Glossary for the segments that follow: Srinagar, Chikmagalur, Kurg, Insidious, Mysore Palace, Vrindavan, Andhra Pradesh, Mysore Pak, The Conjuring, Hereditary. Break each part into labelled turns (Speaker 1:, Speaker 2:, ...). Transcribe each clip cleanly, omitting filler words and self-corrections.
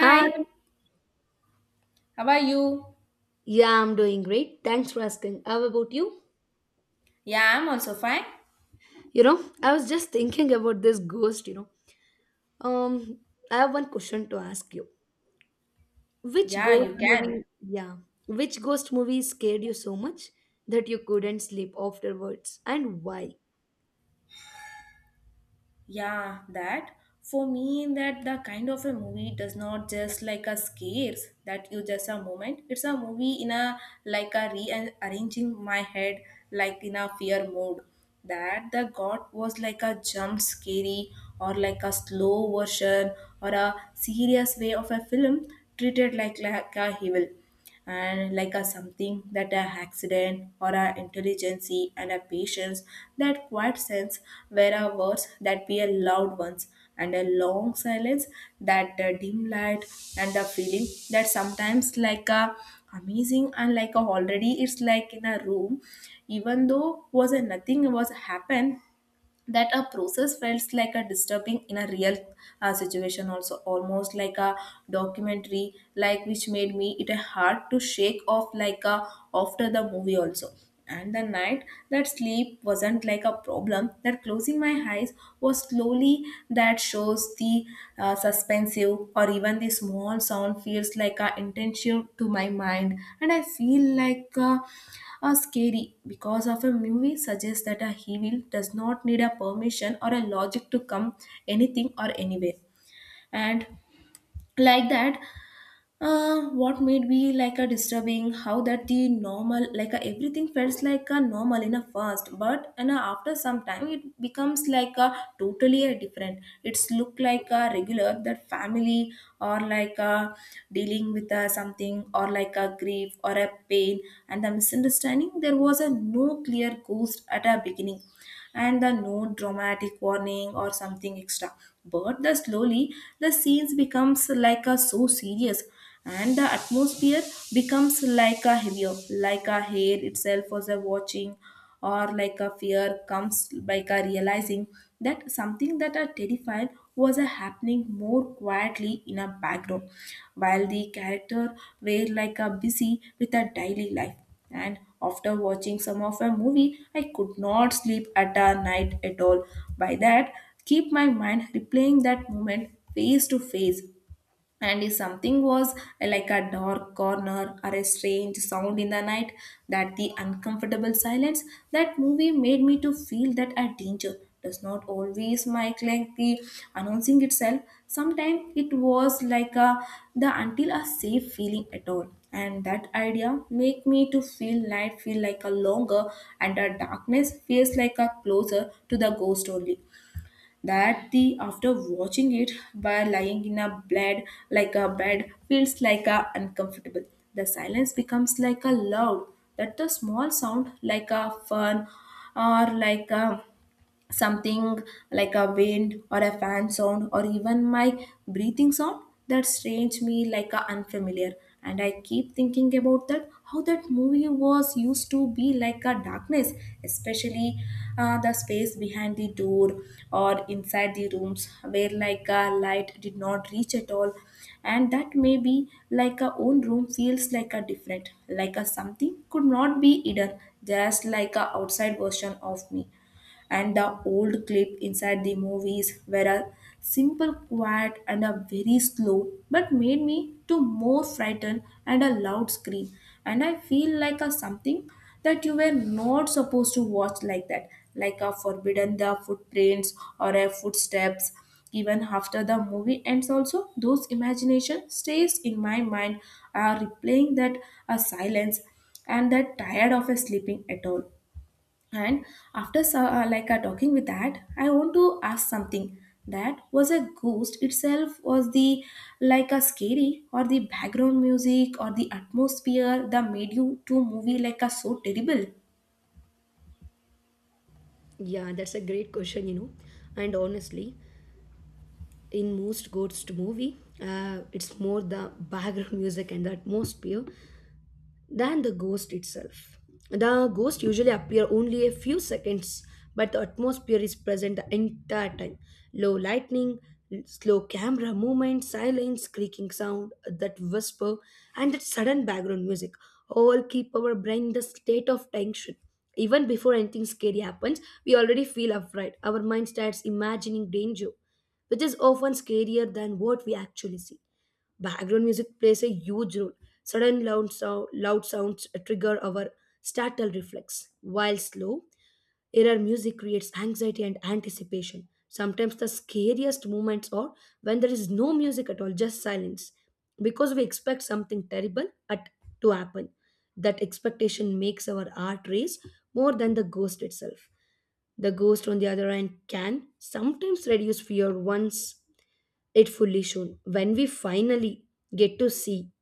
Speaker 1: Uh,
Speaker 2: how are you?
Speaker 1: yeah, I'm doing great. Thanks for asking. How about you?
Speaker 2: Yeah, I'm also fine.
Speaker 1: You know, I was just thinking about this ghost, you know. Um, I have one question to ask you. Which
Speaker 2: Yeah,
Speaker 1: ghost
Speaker 2: you can.
Speaker 1: movie, yeah, which ghost movie scared you so much that you couldn't sleep afterwards and why?
Speaker 2: Yeah, that. For me, that the kind of a movie does not just like a scares that you just a moment. It's a movie in a like a rearranging my head like in a fear mode. That the god was like a jump scary, or like a slow version, or a serious way of a film treated like a evil, and like a something that a accident or a intelligence, and a patience, that quiet sense where a words that be a loud ones, and a long silence, that dim light, and the feeling that sometimes like a amazing and like a already it's like in a room, even though was a nothing was happen, that a process felt like a disturbing in a real situation, also almost like a documentary like which made me it hard to shake off like a after the movie also, and the night that sleep wasn't like a problem that closing my eyes was slowly, that shows the suspensive or even the small sound feels like a intention to my mind. And I feel like are scary because of a movie suggests that a evil does not need a permission or a logic to come anything or anywhere. And like that, what made me like a disturbing how that the normal like a, everything felt like a normal in a first, but and after some time it becomes like a totally a different. It's look like a regular that family, or like a dealing with a something or like a grief or a pain, and the misunderstanding there was a no clear ghost at a beginning, and the no dramatic warning or something extra. But the slowly the scenes becomes like a so serious, and the atmosphere becomes like a heavier, like a hair itself was a watching, or like a fear comes like a realizing that something that are terrified was a happening more quietly in a background while the character were like a busy with a daily life. And after watching some of her movie, I could not sleep at a night at all. By that, keep my mind replaying that moment face to face, and if something was like a dark corner or a strange sound in the night, that the uncomfortable silence, that movie made me to feel that a danger does not always make like the announcing itself. Sometimes it was like a the until a safe feeling at all. And that idea make me to feel night feel like a longer, and a darkness feels like a closer to the ghost only, that the after watching it by lying in a bed, like a bed feels like a uncomfortable, the silence becomes like a loud, that the small sound like a fun, or like a something like a wind or a fan sound or even my breathing sound that strange me like a unfamiliar. And I keep thinking about that how that movie was used to be like a darkness, especially the space behind the door or inside the rooms where like a light did not reach at all. And that may be like a own room feels like a different, like a something could not be hidden just like a outside version of me. And the old clip inside the movies were a simple, quiet, and a very slow, but made me to more frightened and a loud scream. And I feel like a something that you were not supposed to watch like that, like a forbidden the footprints or a footsteps. Even after the movie ends, also those imagination stays in my mind, are replaying that a silence, and that tired of a sleeping at all. And after like talking with that, I want to ask something. That was a ghost itself was the like a scary, or the background music or the atmosphere that made you to movie like a so terrible.
Speaker 1: Yeah, that's a great question, you know. And honestly, in most ghost movie, it's more the background music and the atmosphere than the ghost itself. The ghost usually appear only a few seconds, but the atmosphere is present the entire time. Low lightning, slow camera movement, silence, creaking sound, that whisper, and that sudden background music all keep our brain in the state of tension. Even before anything scary happens, we already feel afraid. Our mind starts imagining danger, which is often scarier than what we actually see. Background music plays a huge role. Loud sounds trigger our startle reflex. While slow, error music creates anxiety and anticipation. Sometimes the scariest moments are when there is no music at all, just silence, because we expect something to happen. That expectation makes our heart race more than the ghost itself. The ghost, on the other hand, can sometimes reduce fear once it fully shown. When we finally get to see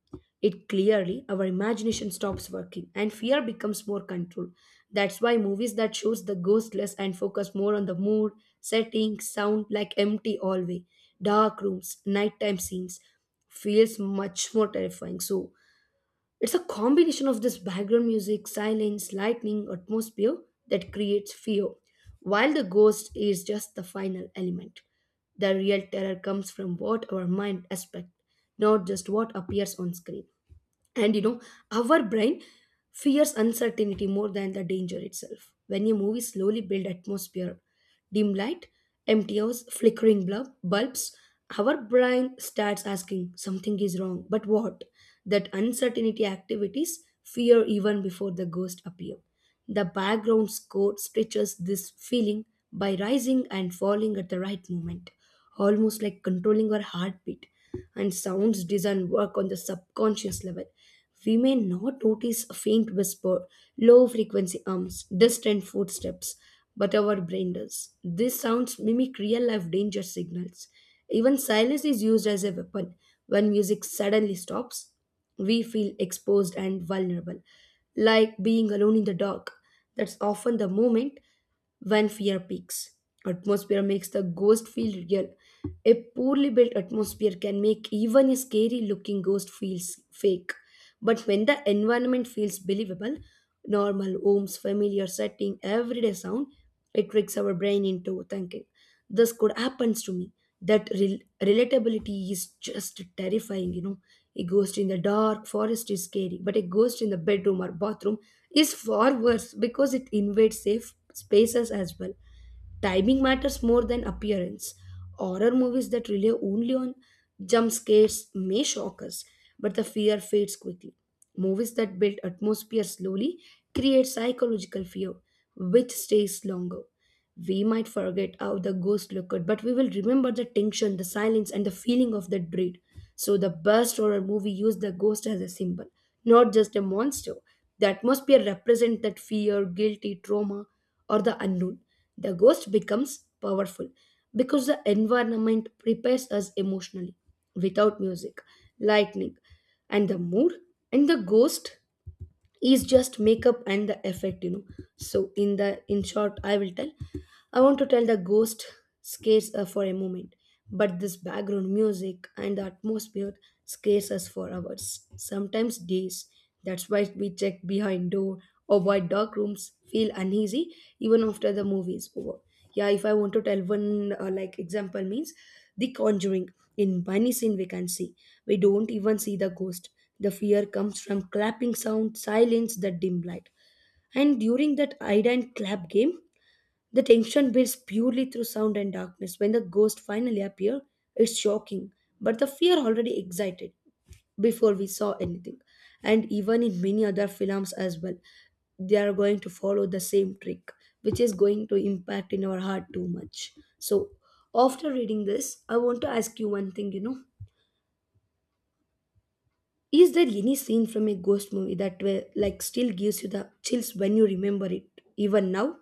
Speaker 1: it clearly, our imagination stops working and fear becomes more controlled. That's why movies that shows the ghost less and focus more on the mood, setting, sound like empty hallway, dark rooms, nighttime scenes feels much more terrifying. So it's a combination of this background music, silence, lightning, atmosphere that creates fear, while the ghost is just the final element. The real terror comes from what our mind expects, not just what appears on screen. And you know, our brain fears uncertainty more than the danger itself. When a movie slowly builds atmosphere dim light, empty house, bulbs, our brain starts asking something is wrong, but what? That uncertainty activities fear even before the ghost appear. The background score stretches this feeling by rising and falling at the right moment, almost like controlling our heartbeat. And sounds design work on the subconscious level we may not notice a faint whisper, low frequency hums, distant footsteps, but our brain does. These sounds mimic real life danger signals. Even silence is used as a weapon. When music suddenly stops, we feel exposed and vulnerable, like being alone in the dark. That's often the moment when fear peaks. Atmosphere makes the ghost feel real. A poorly built atmosphere can make even a scary looking ghost feels fake. But when the environment feels believable, normal homes, familiar setting, everyday sound, it tricks our brain into thinking this could happens to me that relatability is just terrifying you know a ghost in the dark forest is scary but a ghost in the bedroom or bathroom is far worse because it invades safe spaces as well timing matters more than appearance horror movies that rely only on jump scares may shock us but the fear fades quickly movies that build atmosphere slowly create psychological fear which stays longer we might forget how the ghost looked, but we will remember the tension, the silence, and the feeling of that dread. So, the best horror movie used the ghost as a symbol, not just a monster. The atmosphere represents that fear, guilty, trauma, or the unknown. The ghost becomes powerful because the environment prepares us emotionally. Without music, lightning, and the mood, and the ghost is just makeup and the effect, you know. So, in the in short, I will tell I want to tell the ghost scares her for a moment, but this background music and the atmosphere scares us for hours, sometimes days. That's why we check behind door, or avoid dark rooms, feel uneasy even after the movie is over. Yeah, if I want to tell one like example means the conjuring. In many scene we can see. We don't even see the ghost. The fear comes from clapping sound, silence, the dim light. And during that hide and clap game, the tension builds purely through sound and darkness. When the ghosts finally appear, it's shocking, but the fear already excited before we saw anything. And even in many other films as well, they are going to follow the same trick, which is going to impact in our heart too much. So, after reading this, I want to ask you one thing. You know, is there any scene from a ghost movie that were, like still gives you the chills when you remember it, even now?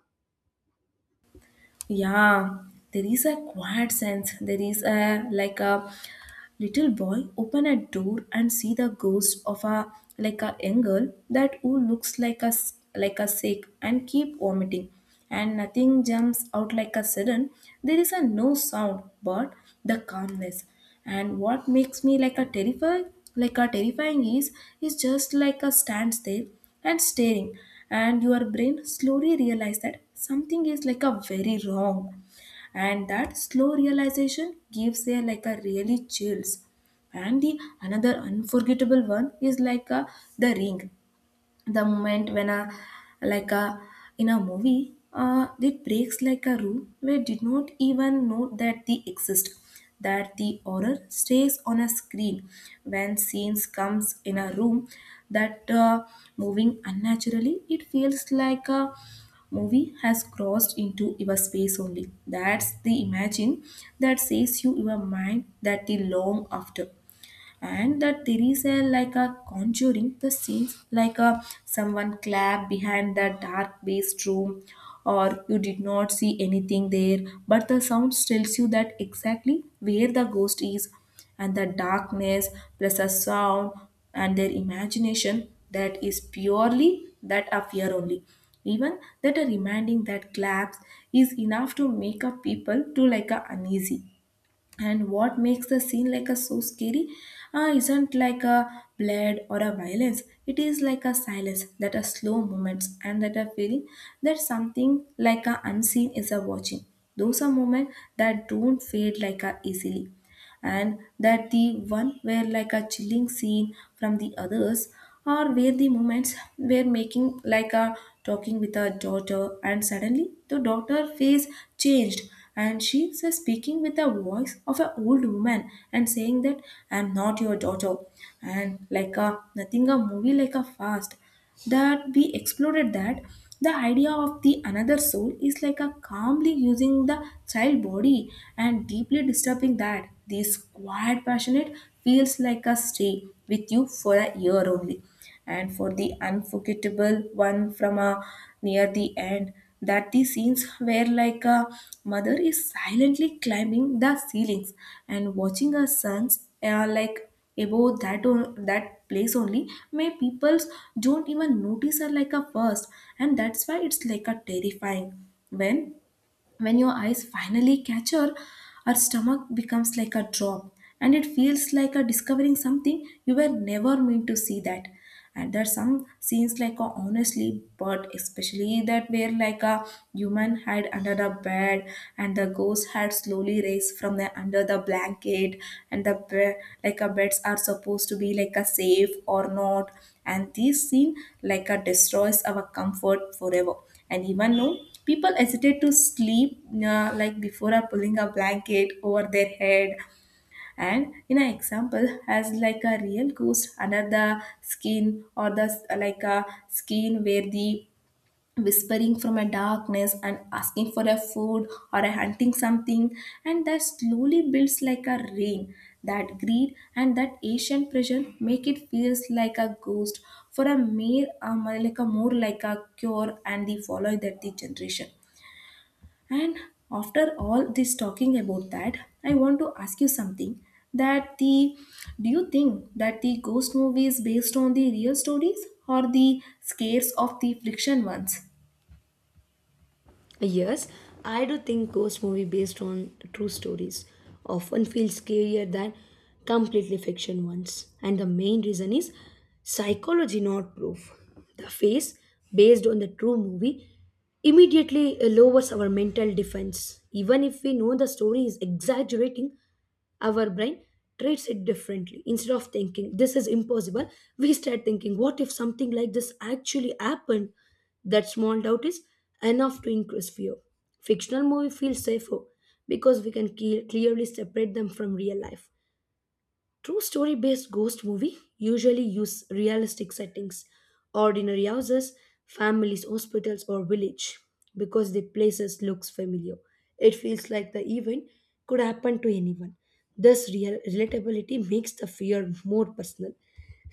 Speaker 2: Yeah, there is a quiet sense. There is a like a little boy open a door and see the ghost of a like a young girl that who looks like a like a sick and keep vomiting, and nothing jumps out like a sudden. There is a no sound, but the calmness. And what makes me like a terrified like a terrifying is just like a stands there and staring, and your brain slowly realize that something is like a very wrong, and that slow realization gives a like a really chills. And the another unforgettable one is like a, the ring, the moment when a like a in a movie it breaks like a rule we did not even know that they exist, that the horror stays on a screen when scenes comes in a room that moving unnaturally, it feels like a movie has crossed into your space only, that's the imagine that says you your mind that the long after. And that there is a like a conjuring the scenes like a someone clap behind the dark based room, or you did not see anything there, but the sound tells you that exactly where the ghost is, and the darkness plus a sound and their imagination, that is purely that a fear only. Even that a reminding that claps is enough to make a people to like a uneasy. And what makes the scene like a so scary isn't like a blood or a violence, it is like a silence that are slow moments and that a feeling that something like a unseen is a watching. Those are moments that don't fade like a easily. And that the one were like a chilling scene from the others, or where the moments were making like a talking with her daughter, and suddenly the daughter face changed, and she was speaking with the voice of an old woman and saying that I'm not your daughter. And like a nothing a movie like a fast that we exploded that the idea of the another soul is like a calmly using the child body, and deeply disturbing that this quiet passionate feels like a stay with you for a year only. And for the unforgettable one from a near the end, that the scenes where like a mother is silently climbing the ceilings and watching her sons are like about that on that place only. My peoples don't even notice her like a first, and that's why it's like a terrifying when when your eyes finally catch her, her stomach becomes like a drop, and it feels like a discovering something you were never meant to see that. And there are some scenes like a honestly, but especially that where like a human hide under the bed, and the ghost had slowly raised from the under the blanket, and the like a beds are supposed to be like a safe or not. And this scene like a destroys our comfort forever. And even know people hesitate to sleep like before are pulling a blanket over their head. And in an example has like a real ghost under the skin, or the like a skin where the whispering from a darkness and asking for a food or a hunting something, and that slowly builds like a rain that greed and that ancient pressure make it feels like a ghost for a mere like a more like a cure, and the follow that the generation. And after all this talking about that, I want to ask you something. That the do you think that the ghost movie is based on the real stories, or the scares of the fiction ones?
Speaker 1: Yes, I do think ghost movie based on true stories often feel scarier than completely fiction ones. And the main reason is psychology, not proof. The face based on the true movie immediately lowers our mental defense. Even if we know the story is exaggerating, our brain treats it differently instead of thinking this is impossible we start thinking what if something like this actually happened that small doubt is enough to increase fear fictional movie feels safer because we can clearly separate them from real life True story based ghost movie usually use realistic settings, ordinary houses, families, hospitals or village because the places looks familiar. It feels like the event could happen to anyone. This real relatability makes the fear more personal.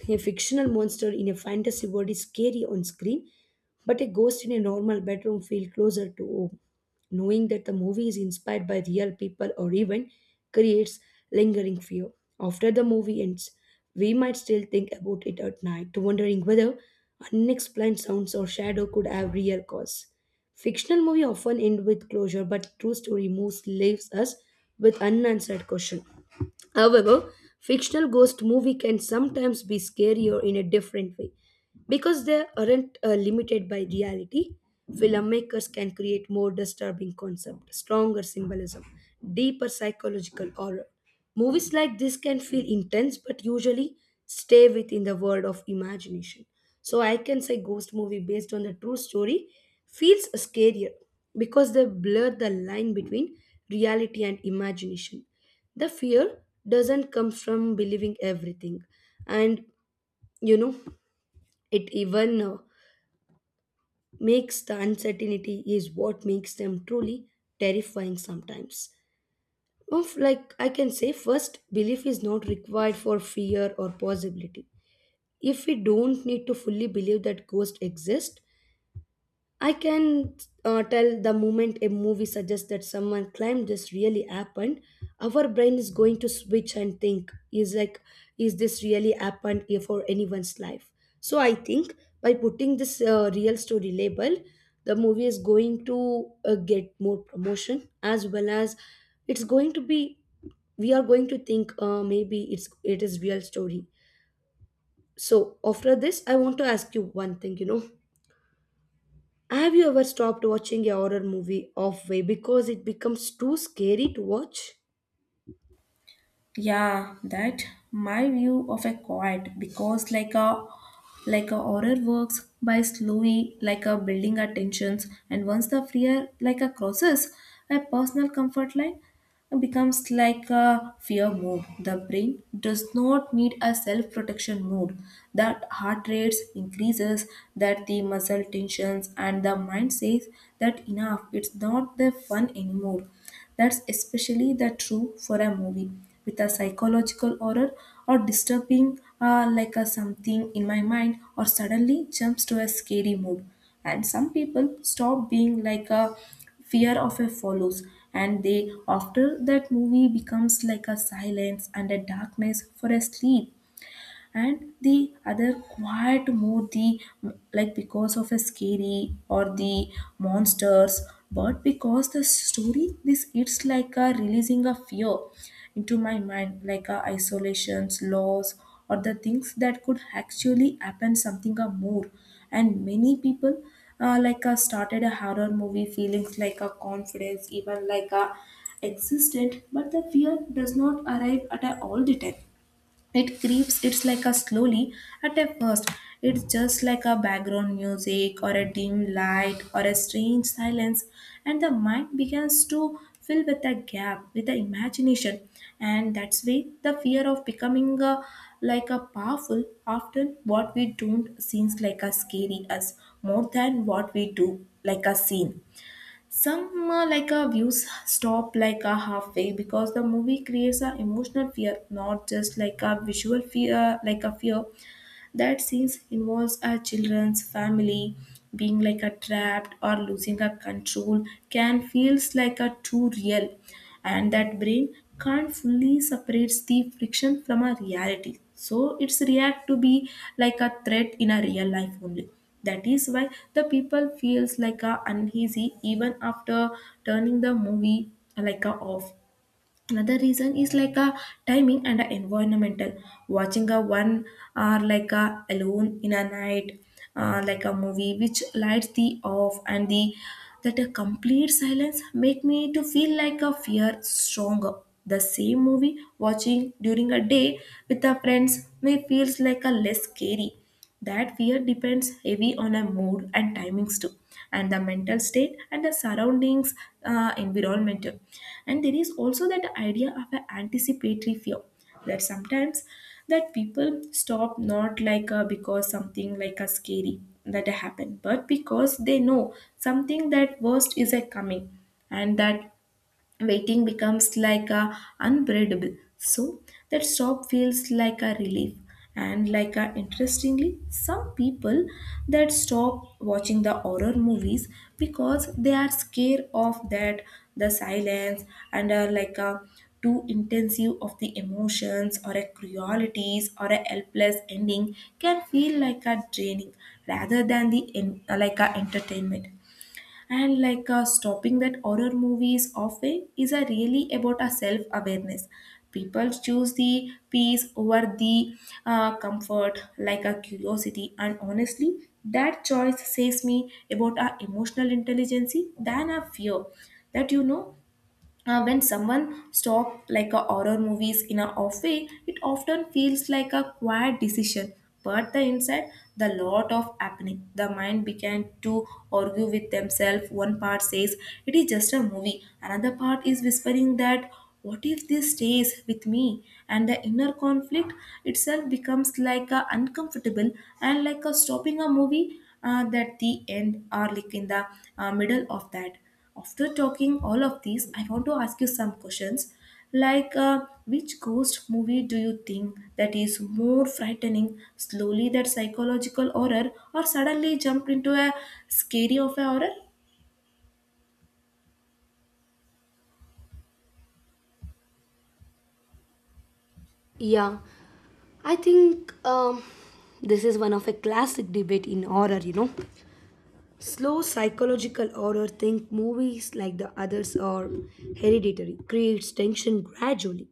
Speaker 1: A fictional monster in a fantasy world is scary on screen, but a ghost in a normal bedroom feels closer to home. Knowing that the movie is inspired by real people or event creates lingering fear. After the movie ends, we might still think about it at night, wondering whether unexplained sounds or shadow could have real cause. Fictional movie often end with closure, but true story moves leaves us with unanswered question. However, fictional ghost movie can sometimes be scarier in a different way because they aren't limited by reality. Filmmakers can create more disturbing concept, stronger symbolism, deeper psychological horror. Movies like this can feel intense but usually stay within the world of imagination. So I can say ghost movie based on the true story feels scarier because they blur the line between reality and imagination the fear doesn't come from believing everything and you know it even makes the uncertainty is what makes them truly terrifying sometimes of like I can say first belief is not required for fear or possibility if we don't need to fully believe that ghosts exist I can tell the moment a movie suggests that someone climbed this really happened, our brain is going to switch and think, is like, is this really happened here for anyone's life? So I think by putting this real story label, the movie is going to get more promotion as well as it's going to be, we are going to think maybe it is real story. So after this, I want to ask you one thing, you know have you ever stopped watching a horror movie halfway because it becomes too scary to watch?
Speaker 2: Yeah, that my view of a quiet because like a horror works by slowly like a building our tensions, and once the fear like a crosses a personal comfort line and becomes like a fear mode. The brain does not need a self-protection mode. That heart rates increases, that the muscle tensions, and the mind says that enough. It's not the fun anymore. That's especially the true for a movie with a psychological horror or disturbing like a something in my mind or suddenly jumps to a scary mood, and some people stop being like a fear of a follows, and they after that movie becomes like a silence and a darkness for a sleep, and the other quiet more the like because of a scary or the monsters, but because the story this it's like a releasing a fear into my mind like a isolations loss or the things that could actually happen something or more. And many people started a horror movie feelings like a confidence even like a existent, but the fear does not arrive at a all the time. It creeps, it's like a slowly at a first. It's just like a background music or a dim light or a strange silence, and the mind begins to fill with a gap with the imagination. And that's why the fear of becoming a, like a powerful often what we don't seems like a scary us more than what we do like a scene. Some views stop like halfway because the movie creates an emotional fear, not just like a visual fear, like a fear that scenes involves a children's family being like a trapped or losing a control can feels like a too real, and that brain can't fully separates the friction from a reality, so it's react to be like a threat in a real life only. That is why the people feels like a uneasy even after turning the movie like a off. Another reason is like a timing and a environmental, watching a one or like a alone in a night, like a movie which lights the off and the that a complete silence make me to feel like a fear stronger. The same movie watching during a day with the friends may feels like a less scary. That fear depends heavy on our mood and timings too, and the mental state and the surroundings, environmental. And there is also that idea of an anticipatory fear, that sometimes that people stop not like because something like a scary that happened, but because they know something that worst is a coming, and that waiting becomes like a unbearable, so that stop feels like a relief. And like a interestingly some people that stop watching the horror movies because they are scared of that the silence, and are like a too intensive of the emotions or a cruelties or a helpless ending can feel like a draining rather than the en- like a entertainment. And like stopping that horror movies often is a really about a self awareness. People choose the peace over the comfort like a curiosity, and honestly that choice says me about our emotional intelligence than a fear that you know when someone stop like a horror movies in a off way, it often feels like a quiet decision. But the inside, the lot of happening. The mind began to argue with themselves. One part says it is just a movie. Another part is whispering that what if this stays with me? And the inner conflict itself becomes like a uncomfortable, and like a stopping a movie that the end or like in the middle of that. After talking all of these, I want to ask you some questions. Like, which ghost movie do you think that is more frightening? Slowly that psychological horror, or suddenly jump into a scary of a horror?
Speaker 1: Yeah, I think this is one of a classic debate in horror, you know. Slow psychological horror think movies like the others are hereditary, creates tension gradually.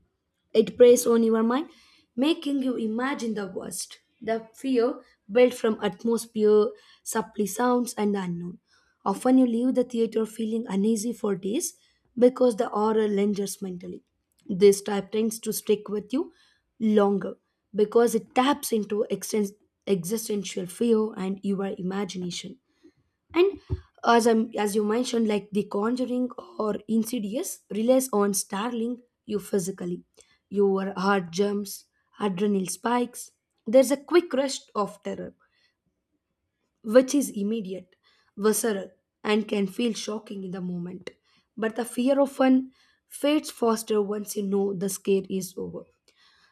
Speaker 1: It preys on your mind, making you imagine the worst. The fear built from atmosphere, subtly sounds, and the unknown. Often you leave the theater feeling uneasy for days because the horror lingers mentally. This type tends to stick with you longer because it taps into existential fear and your imagination and as i as you mentioned like the conjuring or insidious relies on startling you physically your heart jumps adrenaline spikes there's a quick rush of terror which is immediate visceral and can feel shocking in the moment but the fear often fades faster once you know the scare is over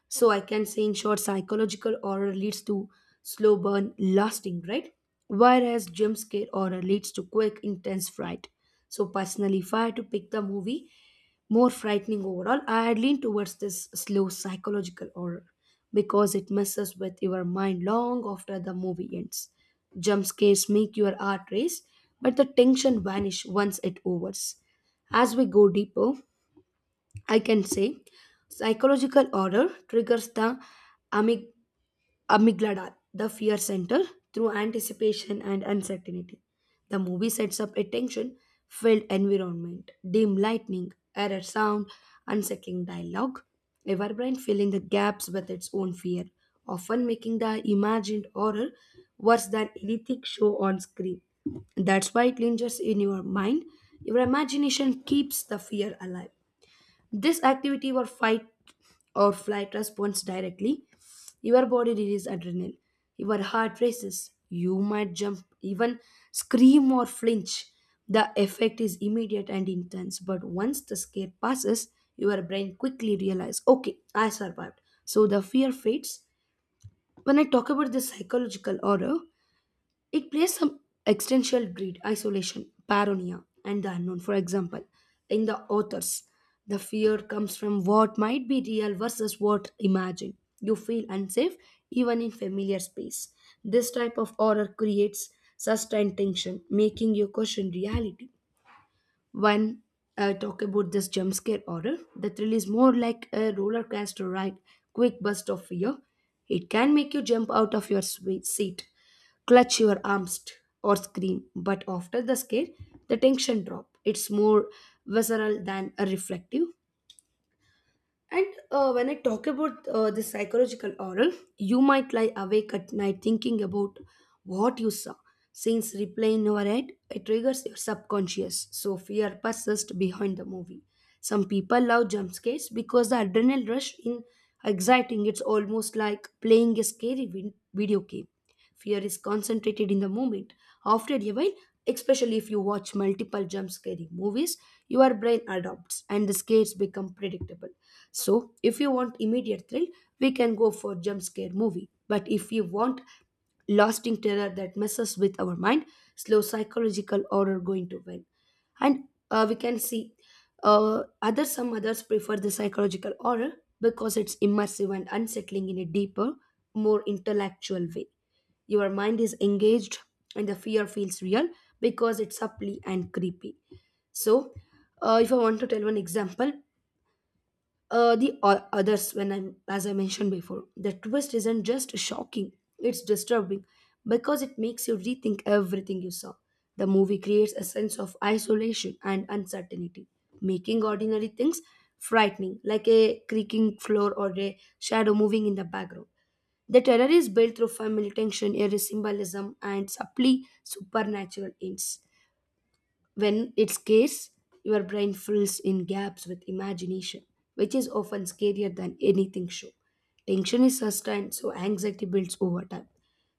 Speaker 1: so I can say in short, psychological horror leads to slow burn, lasting, right? Whereas jump scare horror leads to quick, intense fright. So personally, if I had to pick the movie more frightening overall, I'd lean towards this slow psychological horror because it messes with your mind long after the movie ends. Jump scares make your heart race, but the tension vanish once it overs. As we go deeper, I can say psychological order triggers the amyg- amygdala, the fear center, through anticipation and uncertainty. The movie sets up a tension filled environment, dim lightning, error sound, unsettling dialogue. Our brain filling the gaps with its own fear, often making the imagined horror worse than anything shown on screen. That's why it lingers in your mind. Your imagination keeps the fear alive this activity or fight or flight responds directly. Your body releases adrenaline. Your heart races. You might jump, even scream or flinch. The effect is immediate and intense, but once the scare passes, your brain quickly realizes, okay, I survived. So the fear fades. When I talk about the psychological horror, it plays some existential dread, isolation, paranoia, and the unknown. For example, in the authors, the fear comes from what might be real versus what imagined. You feel unsafe even in familiar space. This type of horror creates sustained tension, making you question reality when I talk about this jump scare horror, the thrill is more like a roller coaster ride, quick burst of fear. It can make you jump out of your seat, clutch your arms, or scream. But after the scare, the tension drop. It's more visceral than a reflective. And when I talk about the psychological oral, you might lie awake at night thinking about what you saw. Since replay in your head, it triggers your subconscious, so fear persists behind the movie. Some people love jump scares because the adrenaline rush in exciting. It's almost like playing a scary video game. Fear is concentrated in the moment. After a while, especially if you watch multiple jump scary movies, your brain adopts and the scares become predictable. So, if you want immediate thrill, we can go for jump scare movie. But if you want lasting terror that messes with our mind, slow psychological horror going to win. And we can see other some others prefer the psychological horror because it's immersive and unsettling in a deeper, more intellectual way. Your mind is engaged and the fear feels real because it's subtly and creepy. So, if I want to tell one example, the others when I'm as I mentioned before the twist isn't just shocking it's disturbing because it makes you rethink everything you saw the movie creates a sense of isolation and uncertainty making ordinary things frightening like a creaking floor or a shadow moving in the background the terror is built through family tension eerie symbolism and subtly supernatural ends when it's scarce, your brain fills in gaps with imagination, which is often scarier than anything show. Tension is sustained, so anxiety builds over time.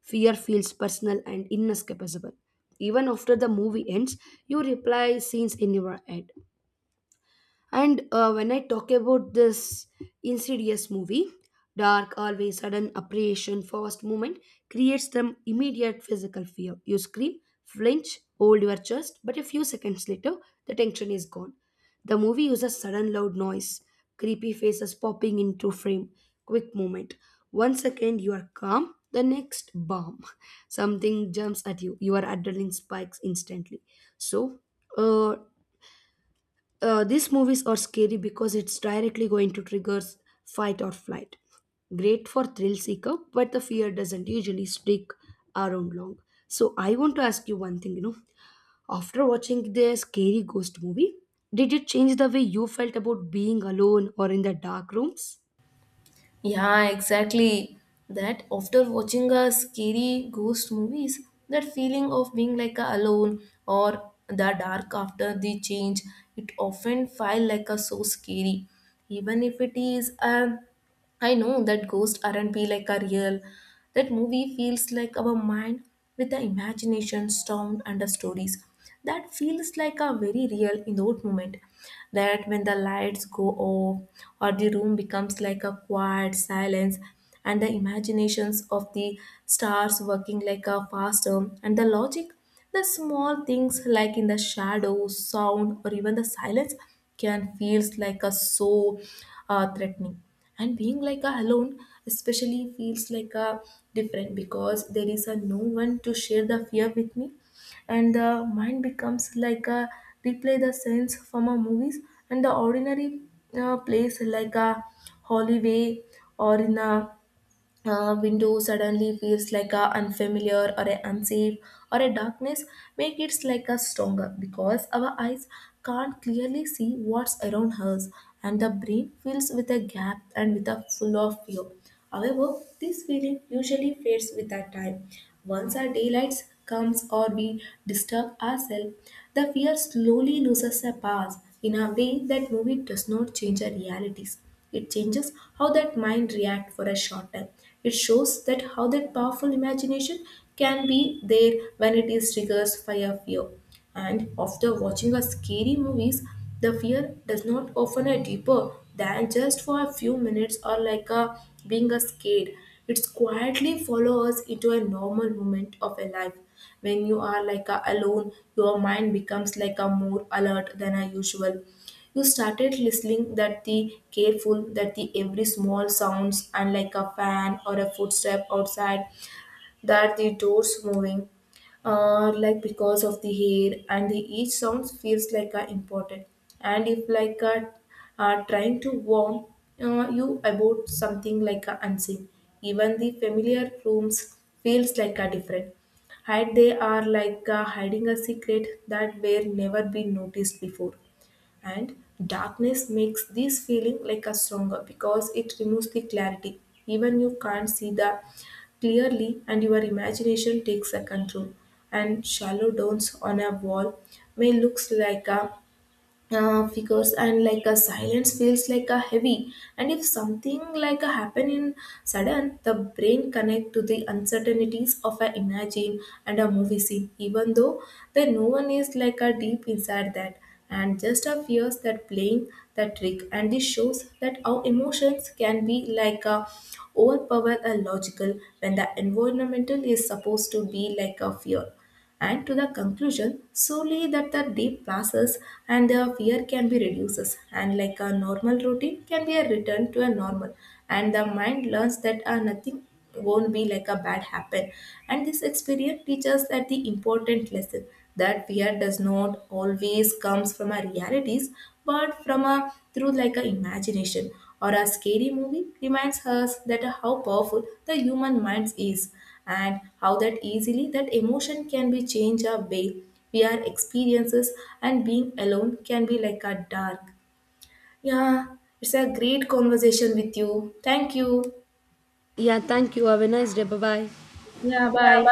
Speaker 1: Fear feels personal and inescapable. Even after the movie ends, you replay scenes in your head. And when I talk about this insidious movie, dark, always sudden apparition, fast movement creates them immediate physical fear. You scream, flinch, hold your chest, but a few seconds later, the tension is gone. The movie uses sudden loud noise, creepy faces popping into frame, quick movement. One second you are calm, the next bomb. Something jumps at you. Your adrenaline spikes instantly. So, uh, these movies are scary because it's directly going to trigger fight or flight. Great for thrill seeker, but the fear doesn't usually stick around long. So I want to ask you one thing, you know, after watching the scary ghost movie, did it change the way you felt about being alone or in the dark rooms?
Speaker 2: Yeah, exactly. That after watching a scary ghost movies, that feeling of being like a alone or the dark after the change, it often feel like a so scary. Even if it is a I know that ghosts aren't be like a real. That movie feels like our mind with the imagination stormed under stories. That feels like a very real in that moment. That when the lights go off or the room becomes like a quiet silence, and the imaginations of the stars working like a faster and the logic, the small things like in the shadow, sound or even the silence can feels like a so threatening, and being like a alone especially feels like a different because there is a no one to share the fear with me, and the mind becomes like a replay the scenes from a movies, and the ordinary place like a hallway or in a window suddenly feels like a unfamiliar or a unsafe, or a darkness make it like a stronger because our eyes can't clearly see what's around us, and the brain fills with a gap and with a full of fear. However, this feeling usually fades with our time. Once our daylight comes or we disturb ourselves, the fear slowly loses a path in a way that movie does not change our realities. It changes how that mind reacts for a short time. It shows that how that powerful imagination can be there when it is triggered by a fear. And after watching a scary movies, the fear does not often a deeper than just for a few minutes or like a being a scared. It's quietly follow us into a normal moment of a life. When you are like a alone, your mind becomes like a more alert than a usual. You started listening that the careful, that the every small sounds and like a fan or a footstep outside, that the doors moving, like because of the hair and the each sound feels like a important. And if like a trying to warn you about something like a unseen, even the familiar rooms feels like a different. Hide they are like hiding a secret that were never been noticed before, and darkness makes this feeling like a stronger because it removes the clarity. Even you can't see the clearly and your imagination takes a control, and shallow downs on a wall may looks like a figures, and like a silence feels like a heavy, and if something like a happen in sudden, the brain connect to the uncertainties of a imagine and a movie scene, even though there no one is like a deep inside that, and just a fears that playing the trick. And this shows that our emotions can be like a overpower a logical when the environmental is supposed to be like a fear. And to the conclusion solely, that the deep passes and the fear can be reduces, and like a normal routine can be a return to a normal, and the mind learns that nothing won't be like a bad happen. And this experience teaches that the important lesson, that fear does not always comes from our realities but from a through like a imagination, or a scary movie reminds us that how powerful the human mind is, and how that easily that emotion can be changed our way we are experiences, and being alone can be like a dark. Yeah, it's a great conversation with you, thank you.
Speaker 1: Yeah, thank you. Have a nice day. Bye bye.
Speaker 2: Yeah, bye.